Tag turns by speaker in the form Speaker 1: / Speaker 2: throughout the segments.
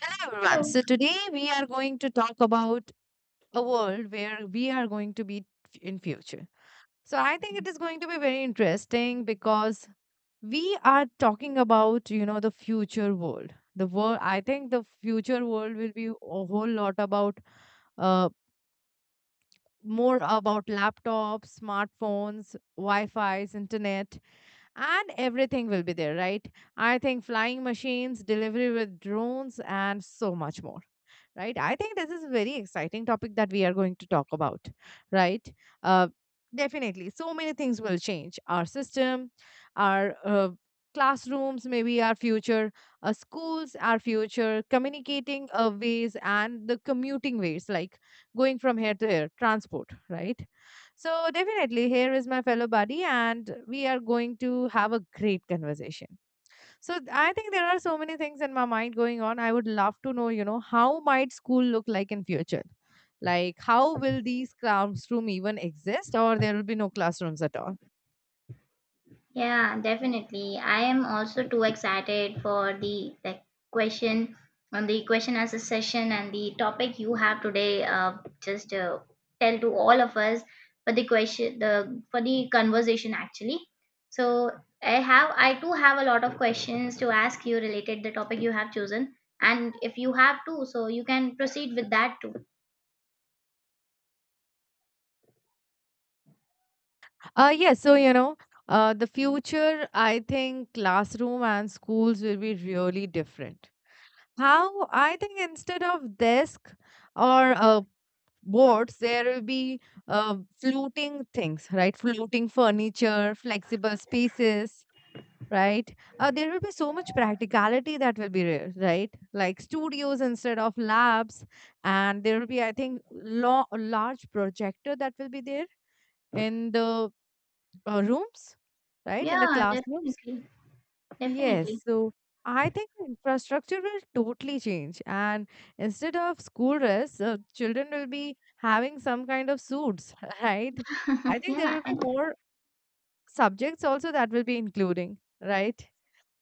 Speaker 1: Hello, everyone.
Speaker 2: Hello.
Speaker 1: So, today we are going to talk about a world where we are going to be in future. So, I think it is going to be very interesting because we are talking about, you know, the future world. The world, I think the future world will be a whole lot about uh, more about laptops, smartphones, Wi-Fi's, internet, and everything will be there, right? I think flying machines, delivery with drones, and so much more. Right. I think this is a very exciting topic that we are going to talk about. Right. Uh, Definitely. So many things will change our system, our classrooms, maybe our future schools, our future communicating ways, and the commuting ways. Like going from here to here, transport, right? So, definitely, here is my fellow buddy, and we are going to have a great conversation. I think there are so many things in my mind going on. I would love to know, you know, how might school look like in future? Like how will these classroom even exist or there will be no classrooms at all?
Speaker 2: Yeah, definitely. I am also too excited for the question on the question as a session and the topic you have today. Just Tell to all of us for the question the for the conversation actually. So I too have a lot of questions to ask you related the topic you have chosen, and if you have too, so you can proceed with that too.
Speaker 1: Yes, so you know, the future, I think classroom and schools will be really different. How I think instead of desk or boards, there will be floating things, right? Floating furniture, flexible spaces, right? There will be so much practicality that will be there, right? Like studios instead of labs, and there will be, I think, a large projector that will be there in the rooms, right? In the
Speaker 2: Yeah,
Speaker 1: classrooms.
Speaker 2: definitely,
Speaker 1: Yes.
Speaker 2: definitely.
Speaker 1: So I think the infrastructure will totally change. And instead of school dress, children will be having some kind of suits, right? I think there
Speaker 2: Yeah,
Speaker 1: will be
Speaker 2: and
Speaker 1: more subjects also that will be including, right?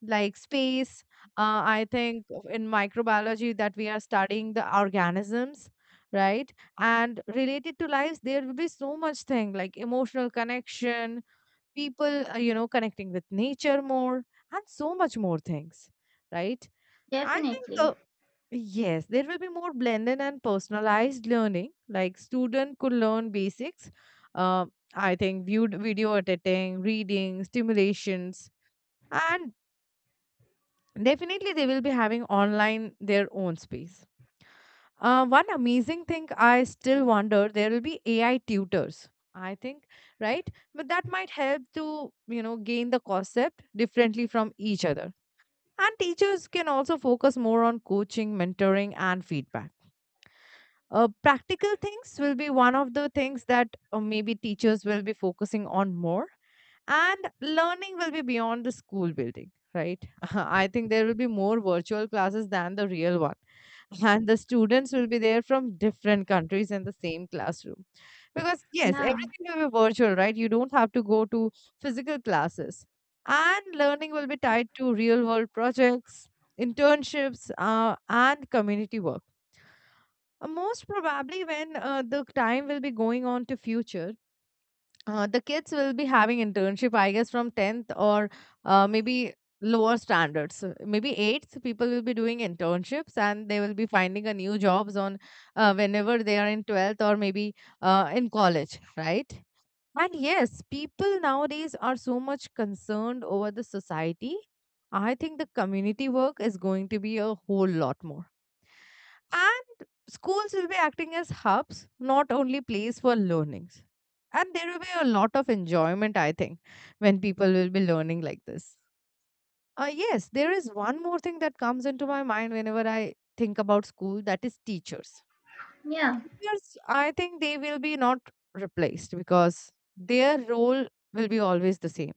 Speaker 1: Like space. I think in microbiology that we are studying the organisms, right? And related to lives, there will be so much thing like emotional connection, people, you know, connecting with nature more, and so much more things, right? I think,
Speaker 2: definitely.
Speaker 1: yes, there will be more blended and personalized learning. Like student could learn basics. Uh, I think viewed video editing, reading, stimulations, and definitely they will be having online their own space. One amazing thing I still wonder there will be AI tutors. I think, right? But that might help to, you know, gain the concept differently from each other. And teachers can also focus more on coaching, mentoring, and feedback. Practical things will be one of the things that maybe teachers will be focusing on more. And learning will be beyond the school building, right? I think there will be more virtual classes than the real one, and the students will be there from different countries in the same classroom, because yes,
Speaker 2: Yeah,
Speaker 1: everything will be virtual, right? You don't have to go to physical classes, and learning will be tied to real world projects, internships, and community work. Most probably when the time will be going on to future, the kids will be having internship, I guess, from 10th or maybe lower standards. So maybe 8th, people will be doing internships and they will be finding a new jobs on, whenever they are in 12th or maybe in college, right? And yes, people nowadays are so much concerned over the society. I think the community work is going to be a whole lot more. And schools will be acting as hubs, not only place for learnings. And there will be a lot of enjoyment, I think, when people will be learning like this. Yes, there is one more thing that comes into my mind whenever I think about school, that is teachers.
Speaker 2: yeah.
Speaker 1: Teachers, I think they will be not replaced because their role will be always the same.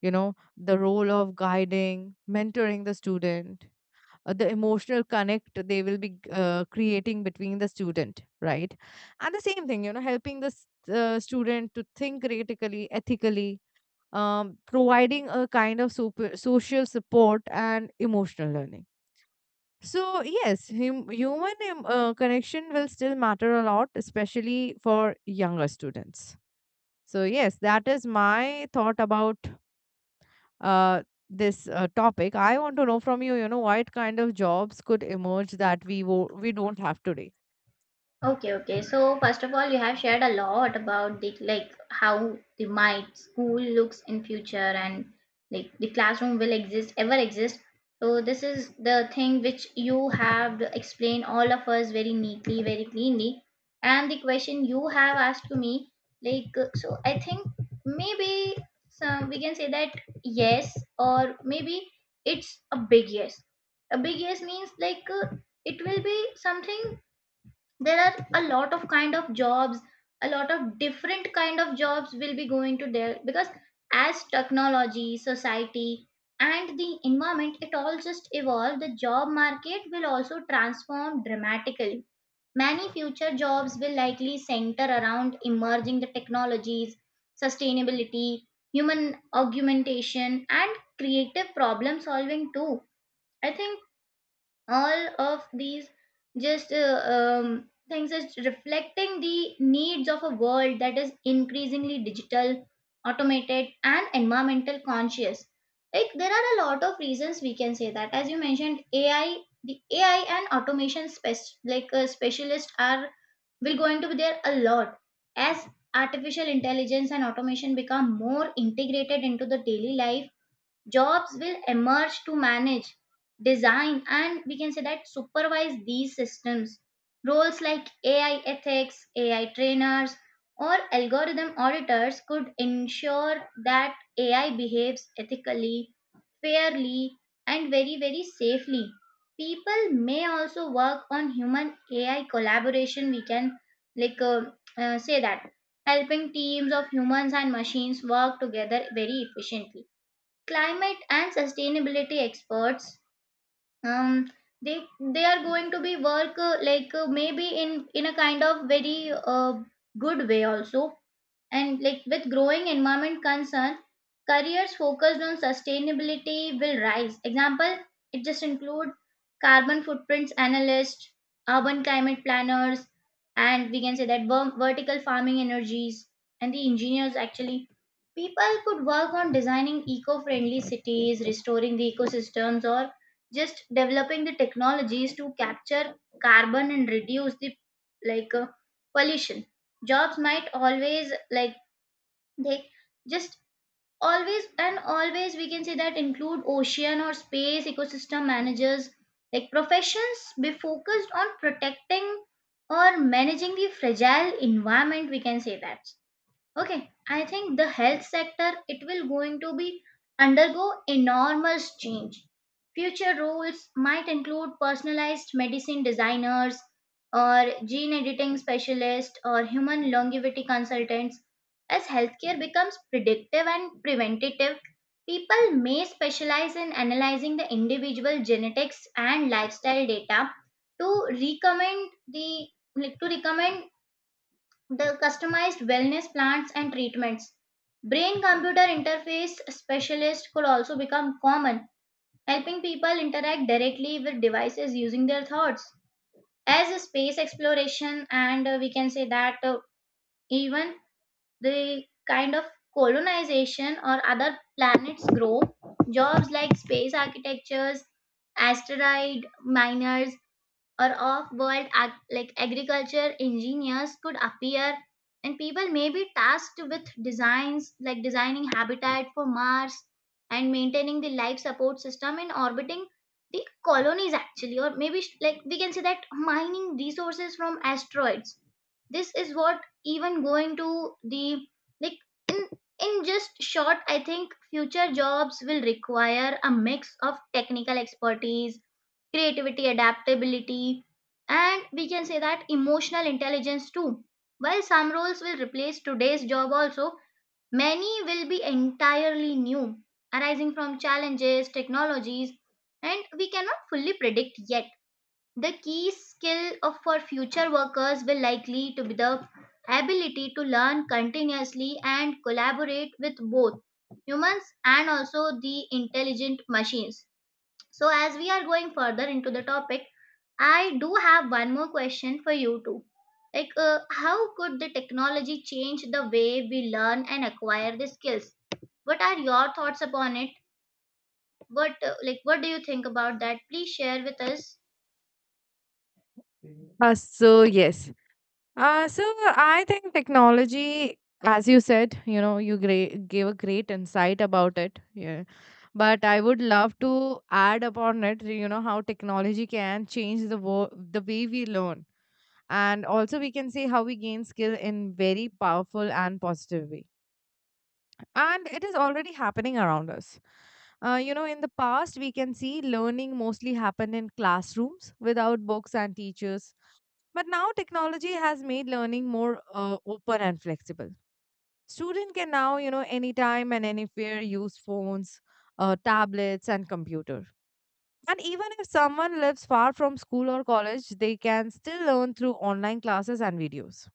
Speaker 1: You know, the role of guiding, mentoring the student, the emotional connect they will be creating between the student, right? And the same thing, you know, helping the student to think critically, ethically, providing a kind of super, social support and emotional learning. So yes, human connection will still matter a lot, especially for younger students. So yes, that is my thought about uh, this topic. I want to know from you, you know, what kind of jobs could emerge that we don't have today.
Speaker 2: Okay, okay. So first of all, you have shared a lot about the like how the my school looks in future and like the classroom will exist ever exist. So this is the thing which you have explained all of us very neatly, very cleanly. And the question you have asked to me, like so, I think maybe some we can say that yes, or maybe it's a big yes. A big yes means like it will be something there are a lot of kind of jobs, a lot of different kind of jobs will be going to there because as technology society and the environment it all just evolve, the job market will also transform dramatically. Many future jobs will likely center around emerging the technologies, sustainability, human augmentation, and creative problem solving too. I think all of these just things is reflecting the needs of a world that is increasingly digital, automated, and environmental conscious. Like there are a lot of reasons we can say that. As you mentioned AI, the AI and automation specialists are will going to be there a lot. As artificial intelligence and automation become more integrated into the daily life, jobs will emerge to manage, design, and we can say that supervise these systems. Roles like AI ethics, AI trainers, or algorithm auditors could ensure that AI behaves ethically, fairly, and very very safely. People may also work on human AI collaboration, we can like uh, say that, helping teams of humans and machines work together very efficiently. Climate and sustainability experts, um, they they are going to be work maybe in a kind of very uh, good way also. And like with growing environment concern, careers focused on sustainability will rise. Example, it just include carbon footprints analysts, urban climate planners, and we can say that vertical farming energies and the engineers actually. People could work on designing eco-friendly cities, restoring the ecosystems, or just developing the technologies to capture carbon and reduce the like uh, pollution. Jobs might always like they just always and always we can say that include ocean or space ecosystem managers, like professions be focused on protecting or managing the fragile environment, we can say that. Okay, I think the health sector it will going to be undergo enormous change. Future roles might include personalized medicine designers, or gene editing specialists, or human longevity consultants. As healthcare becomes predictive and preventative, people may specialize in analyzing the individual genetics and lifestyle data to recommend the like, to recommend the customized wellness plans and treatments. Brain computer interface specialists could also become common, helping people interact directly with devices using their thoughts. As a space exploration, and we can say that even the kind of colonization or other planets grow, jobs like space architectures, asteroid miners, or off-world ag- like agriculture engineers could appear, and people may be tasked with designs like designing habitat for Mars and maintaining the life support system in orbiting the colonies actually, or maybe we can say that mining resources from asteroids. This is what even going to the like in in just short, I think future jobs will require a mix of technical expertise, creativity, adaptability, and we can say that emotional intelligence too. While some roles will replace today's job also, many will be entirely new, arising from challenges, technologies, and we cannot fully predict yet. The key skill of for future workers will likely to be the ability to learn continuously and collaborate with both humans and also the intelligent machines. So, as we are going further into the topic, I do have one more question for you too. Like, how could the technology change the way we learn and acquire the skills? What are your thoughts upon it? What, what do you think about that? Please share with us.
Speaker 1: Uh, so yes, so I think technology, as you said, you know, gave a great insight about it. Yeah. But I would love to add upon it, you know, how technology can change the the way we learn. And also we can see how we gain skill in very powerful and positive way, and it is already happening around us. You know, in the past, we can see learning mostly happened in classrooms without books and teachers. But now technology has made learning more open and flexible. Student can now, you know, anytime and anywhere use phones, tablets, and computer. And even if someone lives far from school or college, they can still learn through online classes and videos.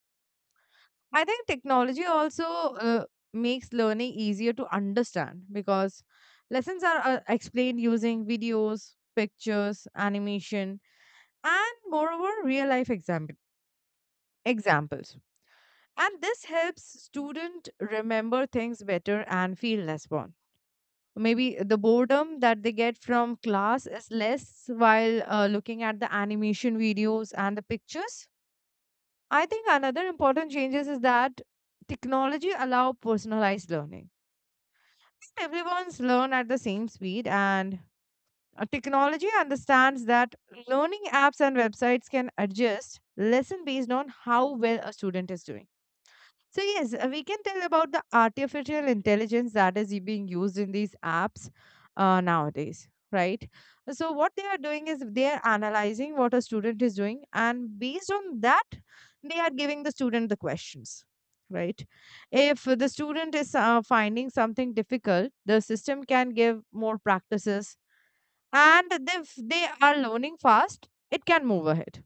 Speaker 1: I think technology also makes learning easier to understand because lessons are explained using videos, pictures, animation, and moreover, real life examples. And this helps student remember things better and feel less bored. Maybe the boredom that they get from class is less while looking at the animation videos and the pictures. I think another important changes is that technology allow personalized learning. Everyone's learn at the same speed, and technology understands that learning apps and websites can adjust lesson based on how well a student is doing. So, yes, we can tell about the artificial intelligence that is being used in these apps nowadays, right? So, what they are doing is they are analyzing what a student is doing, and based on that, they are giving the student the questions, right? If the student is finding something difficult, the system can give more practices, and if they are learning fast, it can move ahead.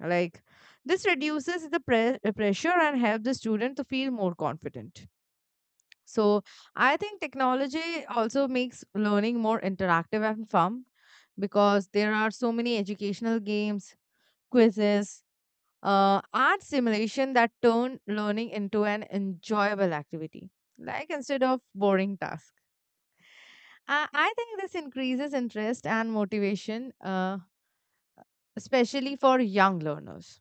Speaker 1: Like this reduces the pressure and help the student to feel more confident. So I think technology also makes learning more interactive and fun because there are so many educational games, quizzes, art simulation that turn learning into an enjoyable activity, like instead of boring task. I think this increases interest and motivation, especially for young learners.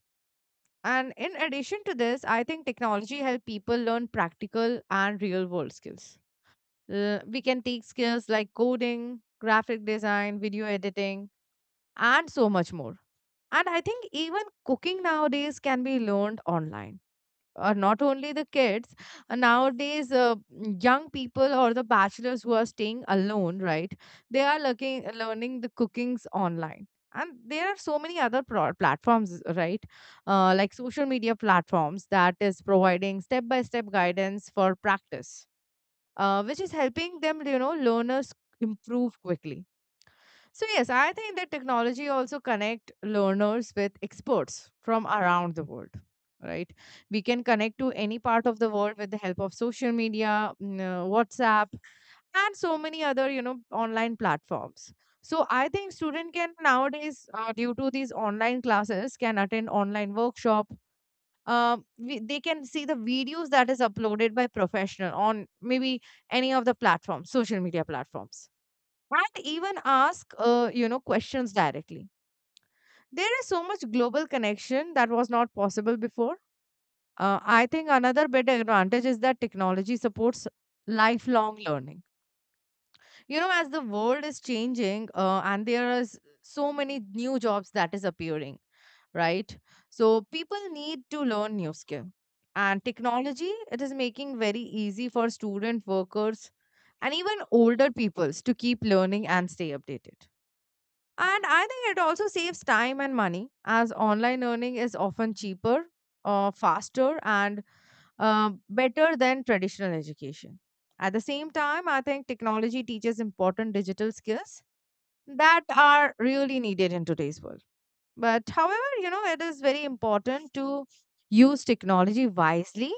Speaker 1: And in addition to this, I think technology help people learn practical and real world skills. We can take skills like coding, graphic design, video editing, and so much more. And I think even cooking nowadays can be learned online, not only the kids. Nowadays, young people or the bachelors who are staying alone, right, they are looking learning the cookings online, and there are so many other platforms, right? Like social media platforms that is providing step by step guidance for practice, which is helping them, you know, learners improve quickly. So yes, I think that technology also connect learners with experts from around the world. Right, we can connect to any part of the world with the help of social media, mm, WhatsApp, and so many other, you know, online platforms. So I think student can nowadays, due to these online classes, can attend online workshop. They can see the videos that is uploaded by professional on maybe any of the platforms, social media platforms, and even ask, you know, questions directly. There is so much global connection that was not possible before. I think another big advantage is that technology supports lifelong learning. You know, as the world is changing, and there is so many new jobs that is appearing, right? So people need to learn new skill, and technology, it is making very easy for student workers and even older peoples to keep learning and stay updated. And I think it also saves time and money, as online earning is often cheaper, faster, and better than traditional education. At the same time, I think technology teaches important digital skills that are really needed in today's world. But however, you know, it is very important to use technology wisely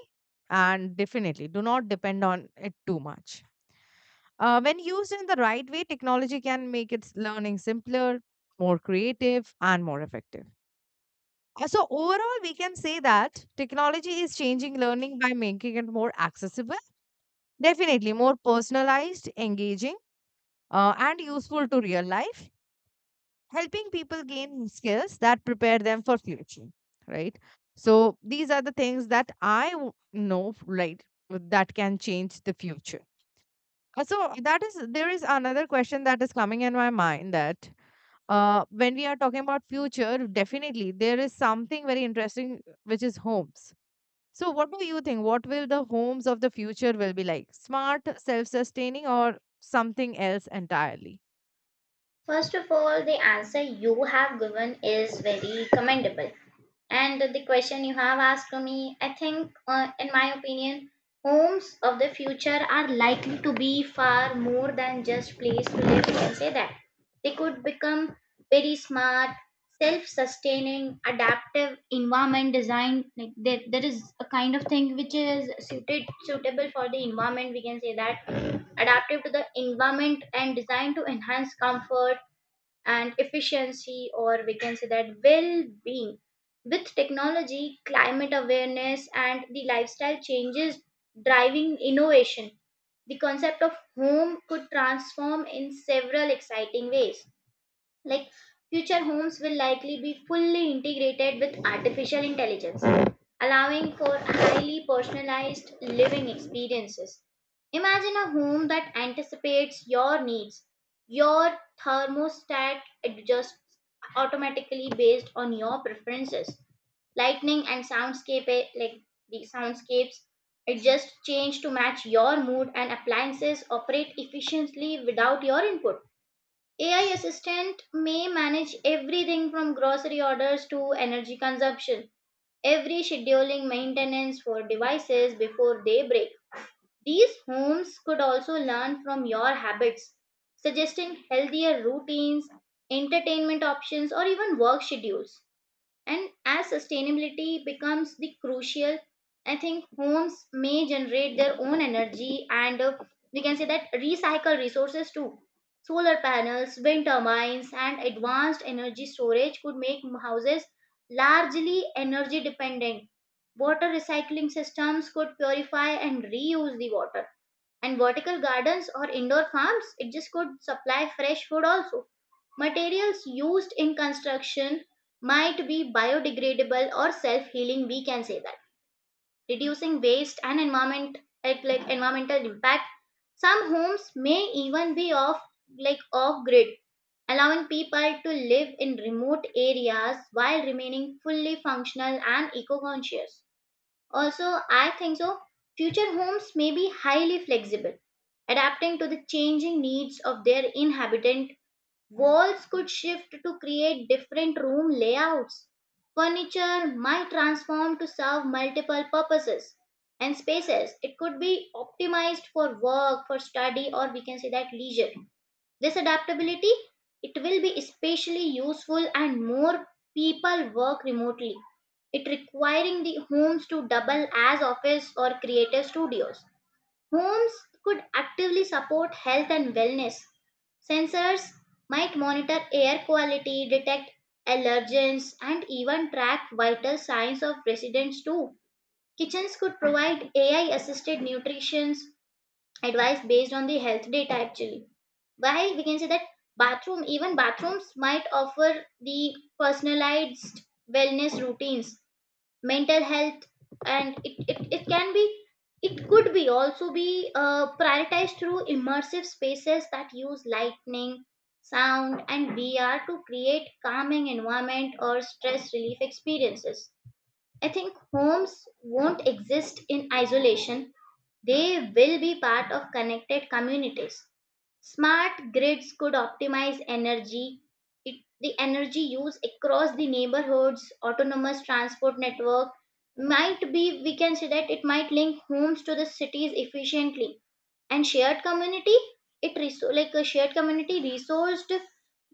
Speaker 1: and definitely do not depend on it too much. When used in the right way, technology can make its learning simpler, more creative, and more effective. So, overall, we can say that technology is changing learning by making it more accessible, definitely more personalized, engaging, and useful to real life, helping people gain skills that prepare them for future. Right. So, these are the things that know, right, that can change the future. So that is There is another question that is coming in my mind that, when we are talking about future, definitely there is something very interesting which is homes. So what do you think? What will the homes of the future will be like? Smart, self-sustaining, or something else entirely?
Speaker 2: First of all, the answer you have given is very commendable. And the question you have asked to me, I think, in my opinion, homes of the future are likely to be far more than just place to live. We can say that they could become very smart, self-sustaining, adaptive environment design. Like there is a kind of thing which is suited suitable for the environment. We can say that adaptive to the environment and designed to enhance comfort and efficiency, or we can say that well being. With technology, climate awareness, and the lifestyle changes driving innovation, the concept of home could transform in several exciting ways. Like future homes will likely be fully integrated with artificial intelligence, allowing for highly personalized living experiences. Imagine a home that anticipates your needs. Your thermostat adjusts automatically based on your preferences. Lighting and soundscape eh, like the soundscapes adjust change to match your mood, and appliances operate efficiently without your input. AI assistant may manage everything from grocery orders to energy consumption, every scheduling maintenance for devices before they break. These homes could also learn from your habits, suggesting healthier routines, entertainment options, or even work schedules. And as sustainability becomes the crucial, I think homes may generate their own energy and we can say that recycle resources too. Solar panels, wind turbines, and advanced energy storage could make houses largely energy dependent. Water recycling systems could purify and reuse the water. And vertical gardens or indoor farms, it just could supply fresh food also. Materials used in construction might be biodegradable or self-healing, we can say that. Reducing waste and environment at like environmental impact. Some homes may even be off grid, allowing people to live in remote areas while remaining fully functional and eco-conscious. Also, I think so. Future homes may be highly flexible, adapting to the changing needs of their inhabitant. Walls could shift to create different room layouts. Furniture might transform to serve multiple purposes and spaces. It could be optimized for work, for study, or we can say that leisure. This adaptability it will be especially useful and more people work remotely. It requiring the homes to double as office or creative studios. Homes could actively support health and wellness. Sensors might monitor air quality, detect allergens, and even track vital signs of residents too. Kitchens could provide AI assisted nutrition advice based on the health data actually. While we can say that even bathrooms might offer the personalized wellness routines, mental health, and it can be it could be also be prioritized through immersive spaces that use lightning, sound, and VR to create calming environment or stress relief experiences. I think homes won't exist in isolation, they will be part of connected communities. Smart grids could optimize energy, it, the energy use across the neighborhoods. Autonomous transport network might be, we can say that it might link homes to the cities efficiently. And shared community it reso- like a shared community resourced,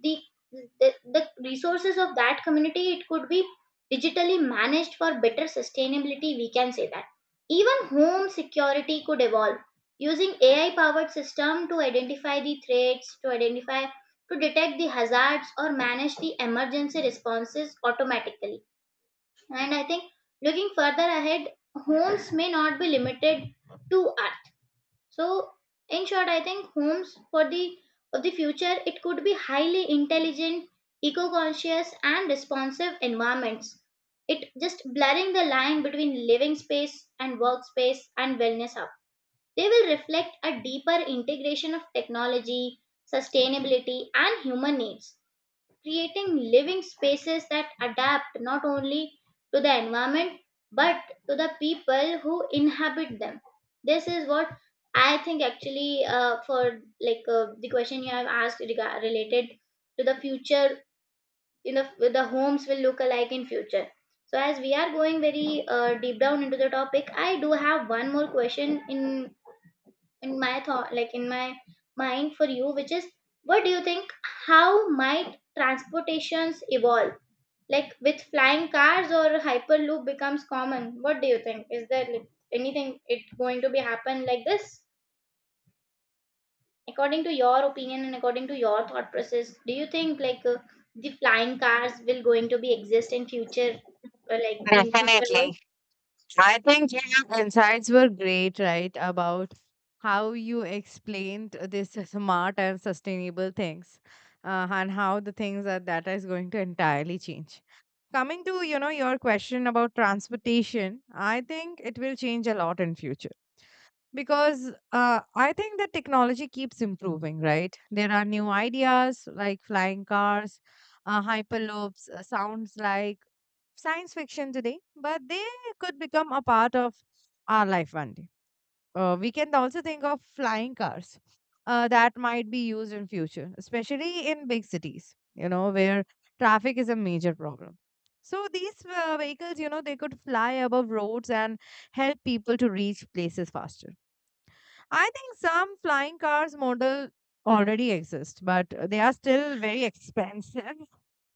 Speaker 2: the, the resources of that community it could be digitally managed for better sustainability, we can say that. Even home security could evolve, using AI powered system to identify the threats, to identify to detect the hazards, or manage the emergency responses automatically. And I think looking further ahead, homes may not be limited to so, in short, I think homes for the of the future it could be highly intelligent, eco-conscious, and responsive environments. It just blurring the line between living space and workspace and wellness hub. They will reflect a deeper integration of technology, sustainability, and human needs, creating living spaces that adapt not only to the environment but to the people who inhabit them. This is what I think actually for like the question you have asked related to the future, you know, with the homes will look alike in future. So as we are going very deep down into the topic, I do have one more question in my thought, like in my mind, for you, which is what do you think, how might transportations evolve, like with flying cars or hyperloop becomes common? What do you think, is there like, anything it going to be happen like this according to your opinion and according to your thought process? Do you think like the flying cars will going to be exist in future or like in future world?
Speaker 1: Definitely. I think your insights were great, right? About how you explained this smart and sustainable things, and how the things that is going to entirely change. Coming to, you know, your question about transportation, I think it will change a lot in future because, I think that technology keeps improving, right? There are new ideas like flying cars, hyperloops, sounds like science fiction today, but they could become a part of our life one day. We can also think of flying cars that might be used in future, especially in big cities, you know, where traffic is a major problem. So these, vehicles, you know, they could fly above roads and help people to reach places faster. I think some flying cars model already exist, but they are still very expensive.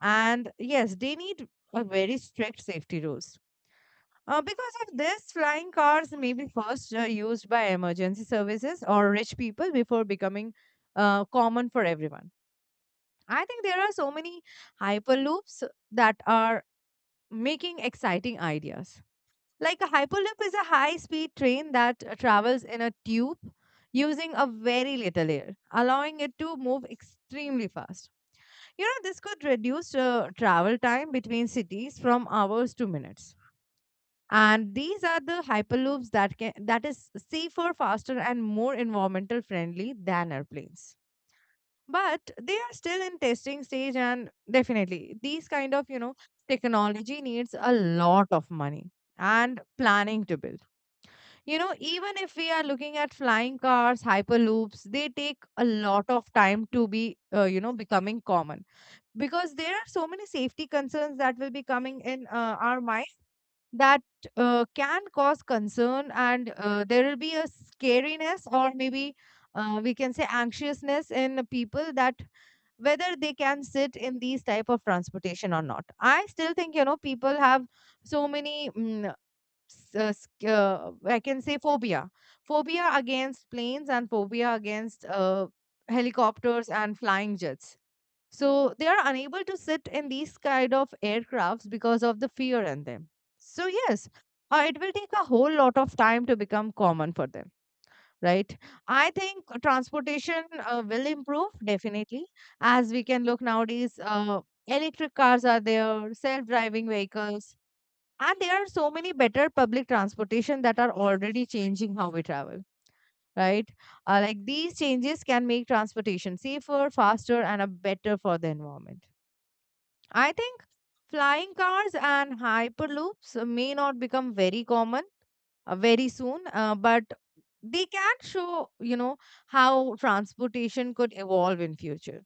Speaker 1: And yes, they need a very strict safety rules, because of this, flying cars may be first, used by emergency services or rich people before becoming common for everyone. I think there are so many hyperloops that are making exciting ideas. Like a hyperloop is a high speed train that, travels in a tube using a very little air, allowing it to move extremely fast. You know, this could reduce travel time between cities from hours to minutes, and these are the hyperloops that can, that is safer, faster, and more environmental friendly than airplanes, but they are still in testing stage. And definitely these kind of, you know, technology needs a lot of money and planning to build. You know, even if we are looking at flying cars, hyperloops, they take a lot of time to be, you know, becoming common, because there are so many safety concerns that will be coming in, our mind that, can cause concern. And, there will be a scariness, or maybe, we can say anxiousness in people, that whether they can sit in these type of transportation or not. I still think, you know, people have so many I can say phobia, phobia against planes, and phobia against, helicopters and flying jets, so they are unable to sit in these kind of aircrafts because of the fear in them. So yes, it will take a whole lot of time to become common for them, right? I think transportation will improve definitely, as we can look nowadays. Electric cars are there, self-driving vehicles, and there are so many better public transportation that are already changing how we travel, right? Like these changes can make transportation safer, faster, and a better for the environment. I think flying cars and hyperloops may not become very common very soon, but they can show, you know, how transportation could evolve in future.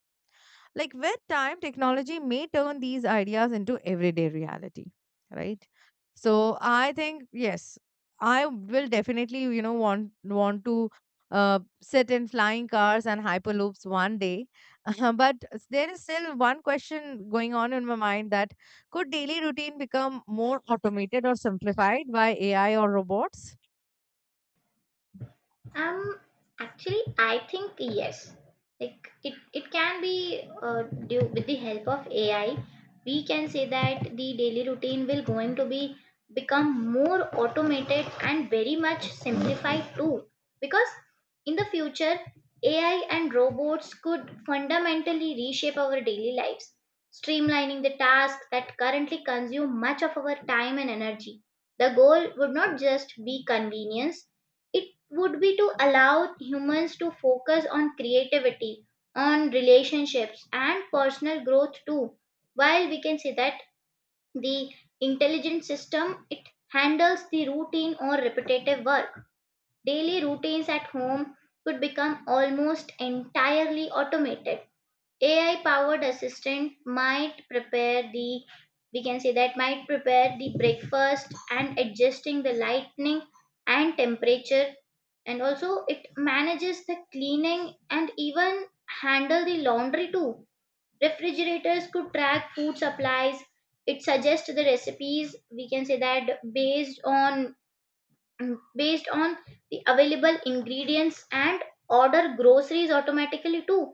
Speaker 1: Like with time, technology may turn these ideas into everyday reality, right? So I think yes, I will definitely, you know, want to, sit in flying cars and hyperloops one day, but there is still one question going on in my mind that could daily routine become more automated or simplified by AI or robots?
Speaker 2: Um, Actually, I think yes. Like it can be due with the help of AI. We can say that the daily routine will going to be become more automated and very much simplified too. Because in the future, AI and robots could fundamentally reshape our daily lives, streamlining the tasks that currently consume much of our time and energy. The goal would not just be convenience, it would be to allow humans to focus on creativity, on relationships, and personal growth too. While we can say that the intelligent system it handles the routine or repetitive work. Daily routines at home could become almost entirely automated. AI powered assistant might prepare the, we can say that, might prepare the breakfast and adjusting the lighting and temperature, and also it manages the cleaning and even handle the laundry too. Refrigerators could track food supplies, it suggests the recipes, we can say that, based on based on the available ingredients and order groceries automatically too.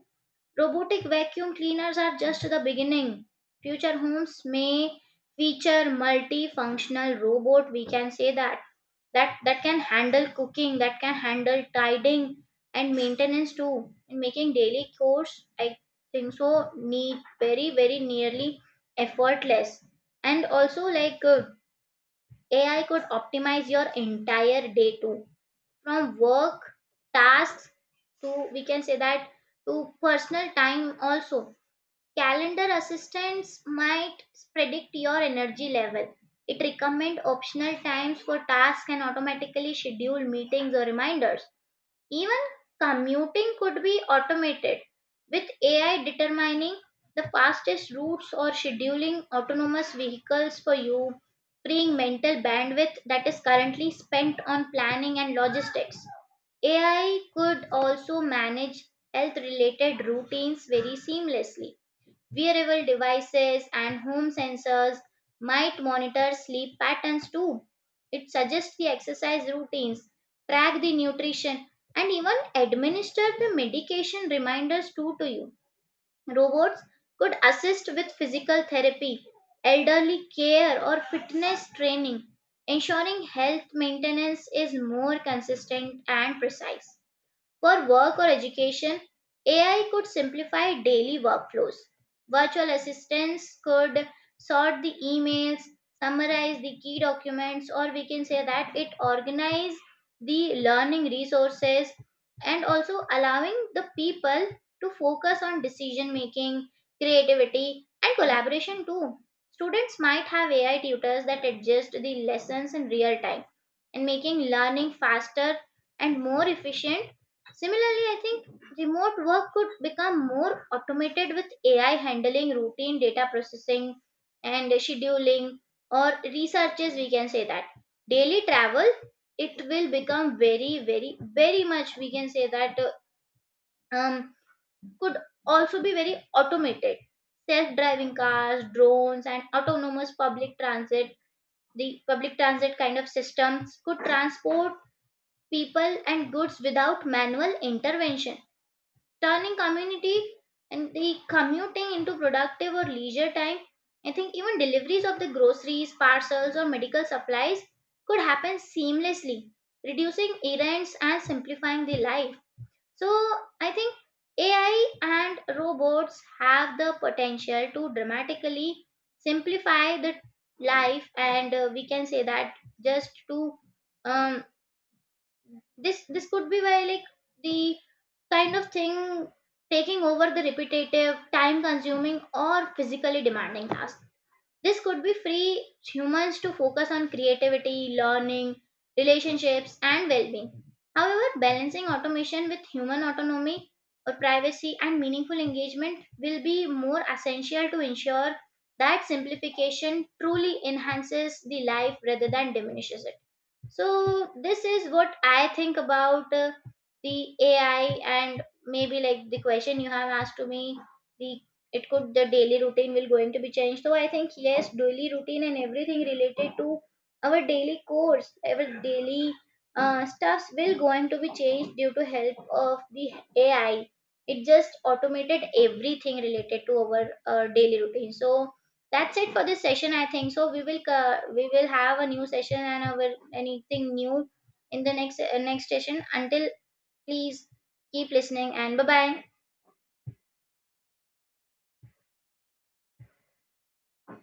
Speaker 2: Robotic vacuum cleaners are just the beginning. Future homes may feature multifunctional robot, we can say that that can handle cooking, that can handle tidying and maintenance too, and making daily chores, I think so, need very very nearly effortless. And also like AI could optimize your entire day too, from work tasks to, we can say that, to personal time also. Calendar assistance might predict your energy level. It recommends optional times for tasks and automatically schedule meetings or reminders. Even commuting could be automated with AI determining the fastest routes or scheduling autonomous vehicles for you, freeing mental bandwidth that is currently spent on planning and logistics. AI could also manage health related routines very seamlessly. Wearable devices and home sensors might monitor sleep patterns too. It suggests the exercise routines, track the nutrition, and even administer the medication reminders too to you. Robots could assist with physical therapy, elderly care, or fitness training, ensuring health maintenance is more consistent and precise. For work or education, AI could simplify daily workflows. Virtual assistants could sort the emails, summarize the key documents, or we can say that it organize the learning resources, and also allowing the people to focus on decision making, creativity, and collaboration too. Students might have AI tutors that adjust the lessons in real time and making learning faster and more efficient. Similarly, I think remote work could become more automated with AI handling routine data processing and scheduling or researches, we can say that. Daily travel, it will become very, very, very much, we can say that, um, could also be very automated. Self driving cars, drones, and autonomous public transit, the public transit kind of systems could transport people and goods without manual intervention, turning community and the commuting into productive or leisure time. I think even deliveries of the groceries, parcels, or medical supplies could happen seamlessly, reducing errands and simplifying the life. So, I think AI and robots have the potential to dramatically simplify the life, and we can say that, just to um, this could be why, like, the kind of thing taking over the repetitive time consuming or physically demanding tasks, this could be free humans to focus on creativity, learning, relationships, and well-being. However, balancing automation with human autonomy or privacy and meaningful engagement will be more essential to ensure that simplification truly enhances the life rather than diminishes it. So this is what I think about the AI. And maybe like the question you have asked to me, the, it could, the daily routine will going to be changed. So I think yes, daily routine and everything related to our daily course, our daily stuffs will going to be changed due to help of the AI. It just automated everything related to our daily routine. So that's it for this session. I think so we will have a new session, and I will anything new in the next next session. Until, please keep listening, and bye bye.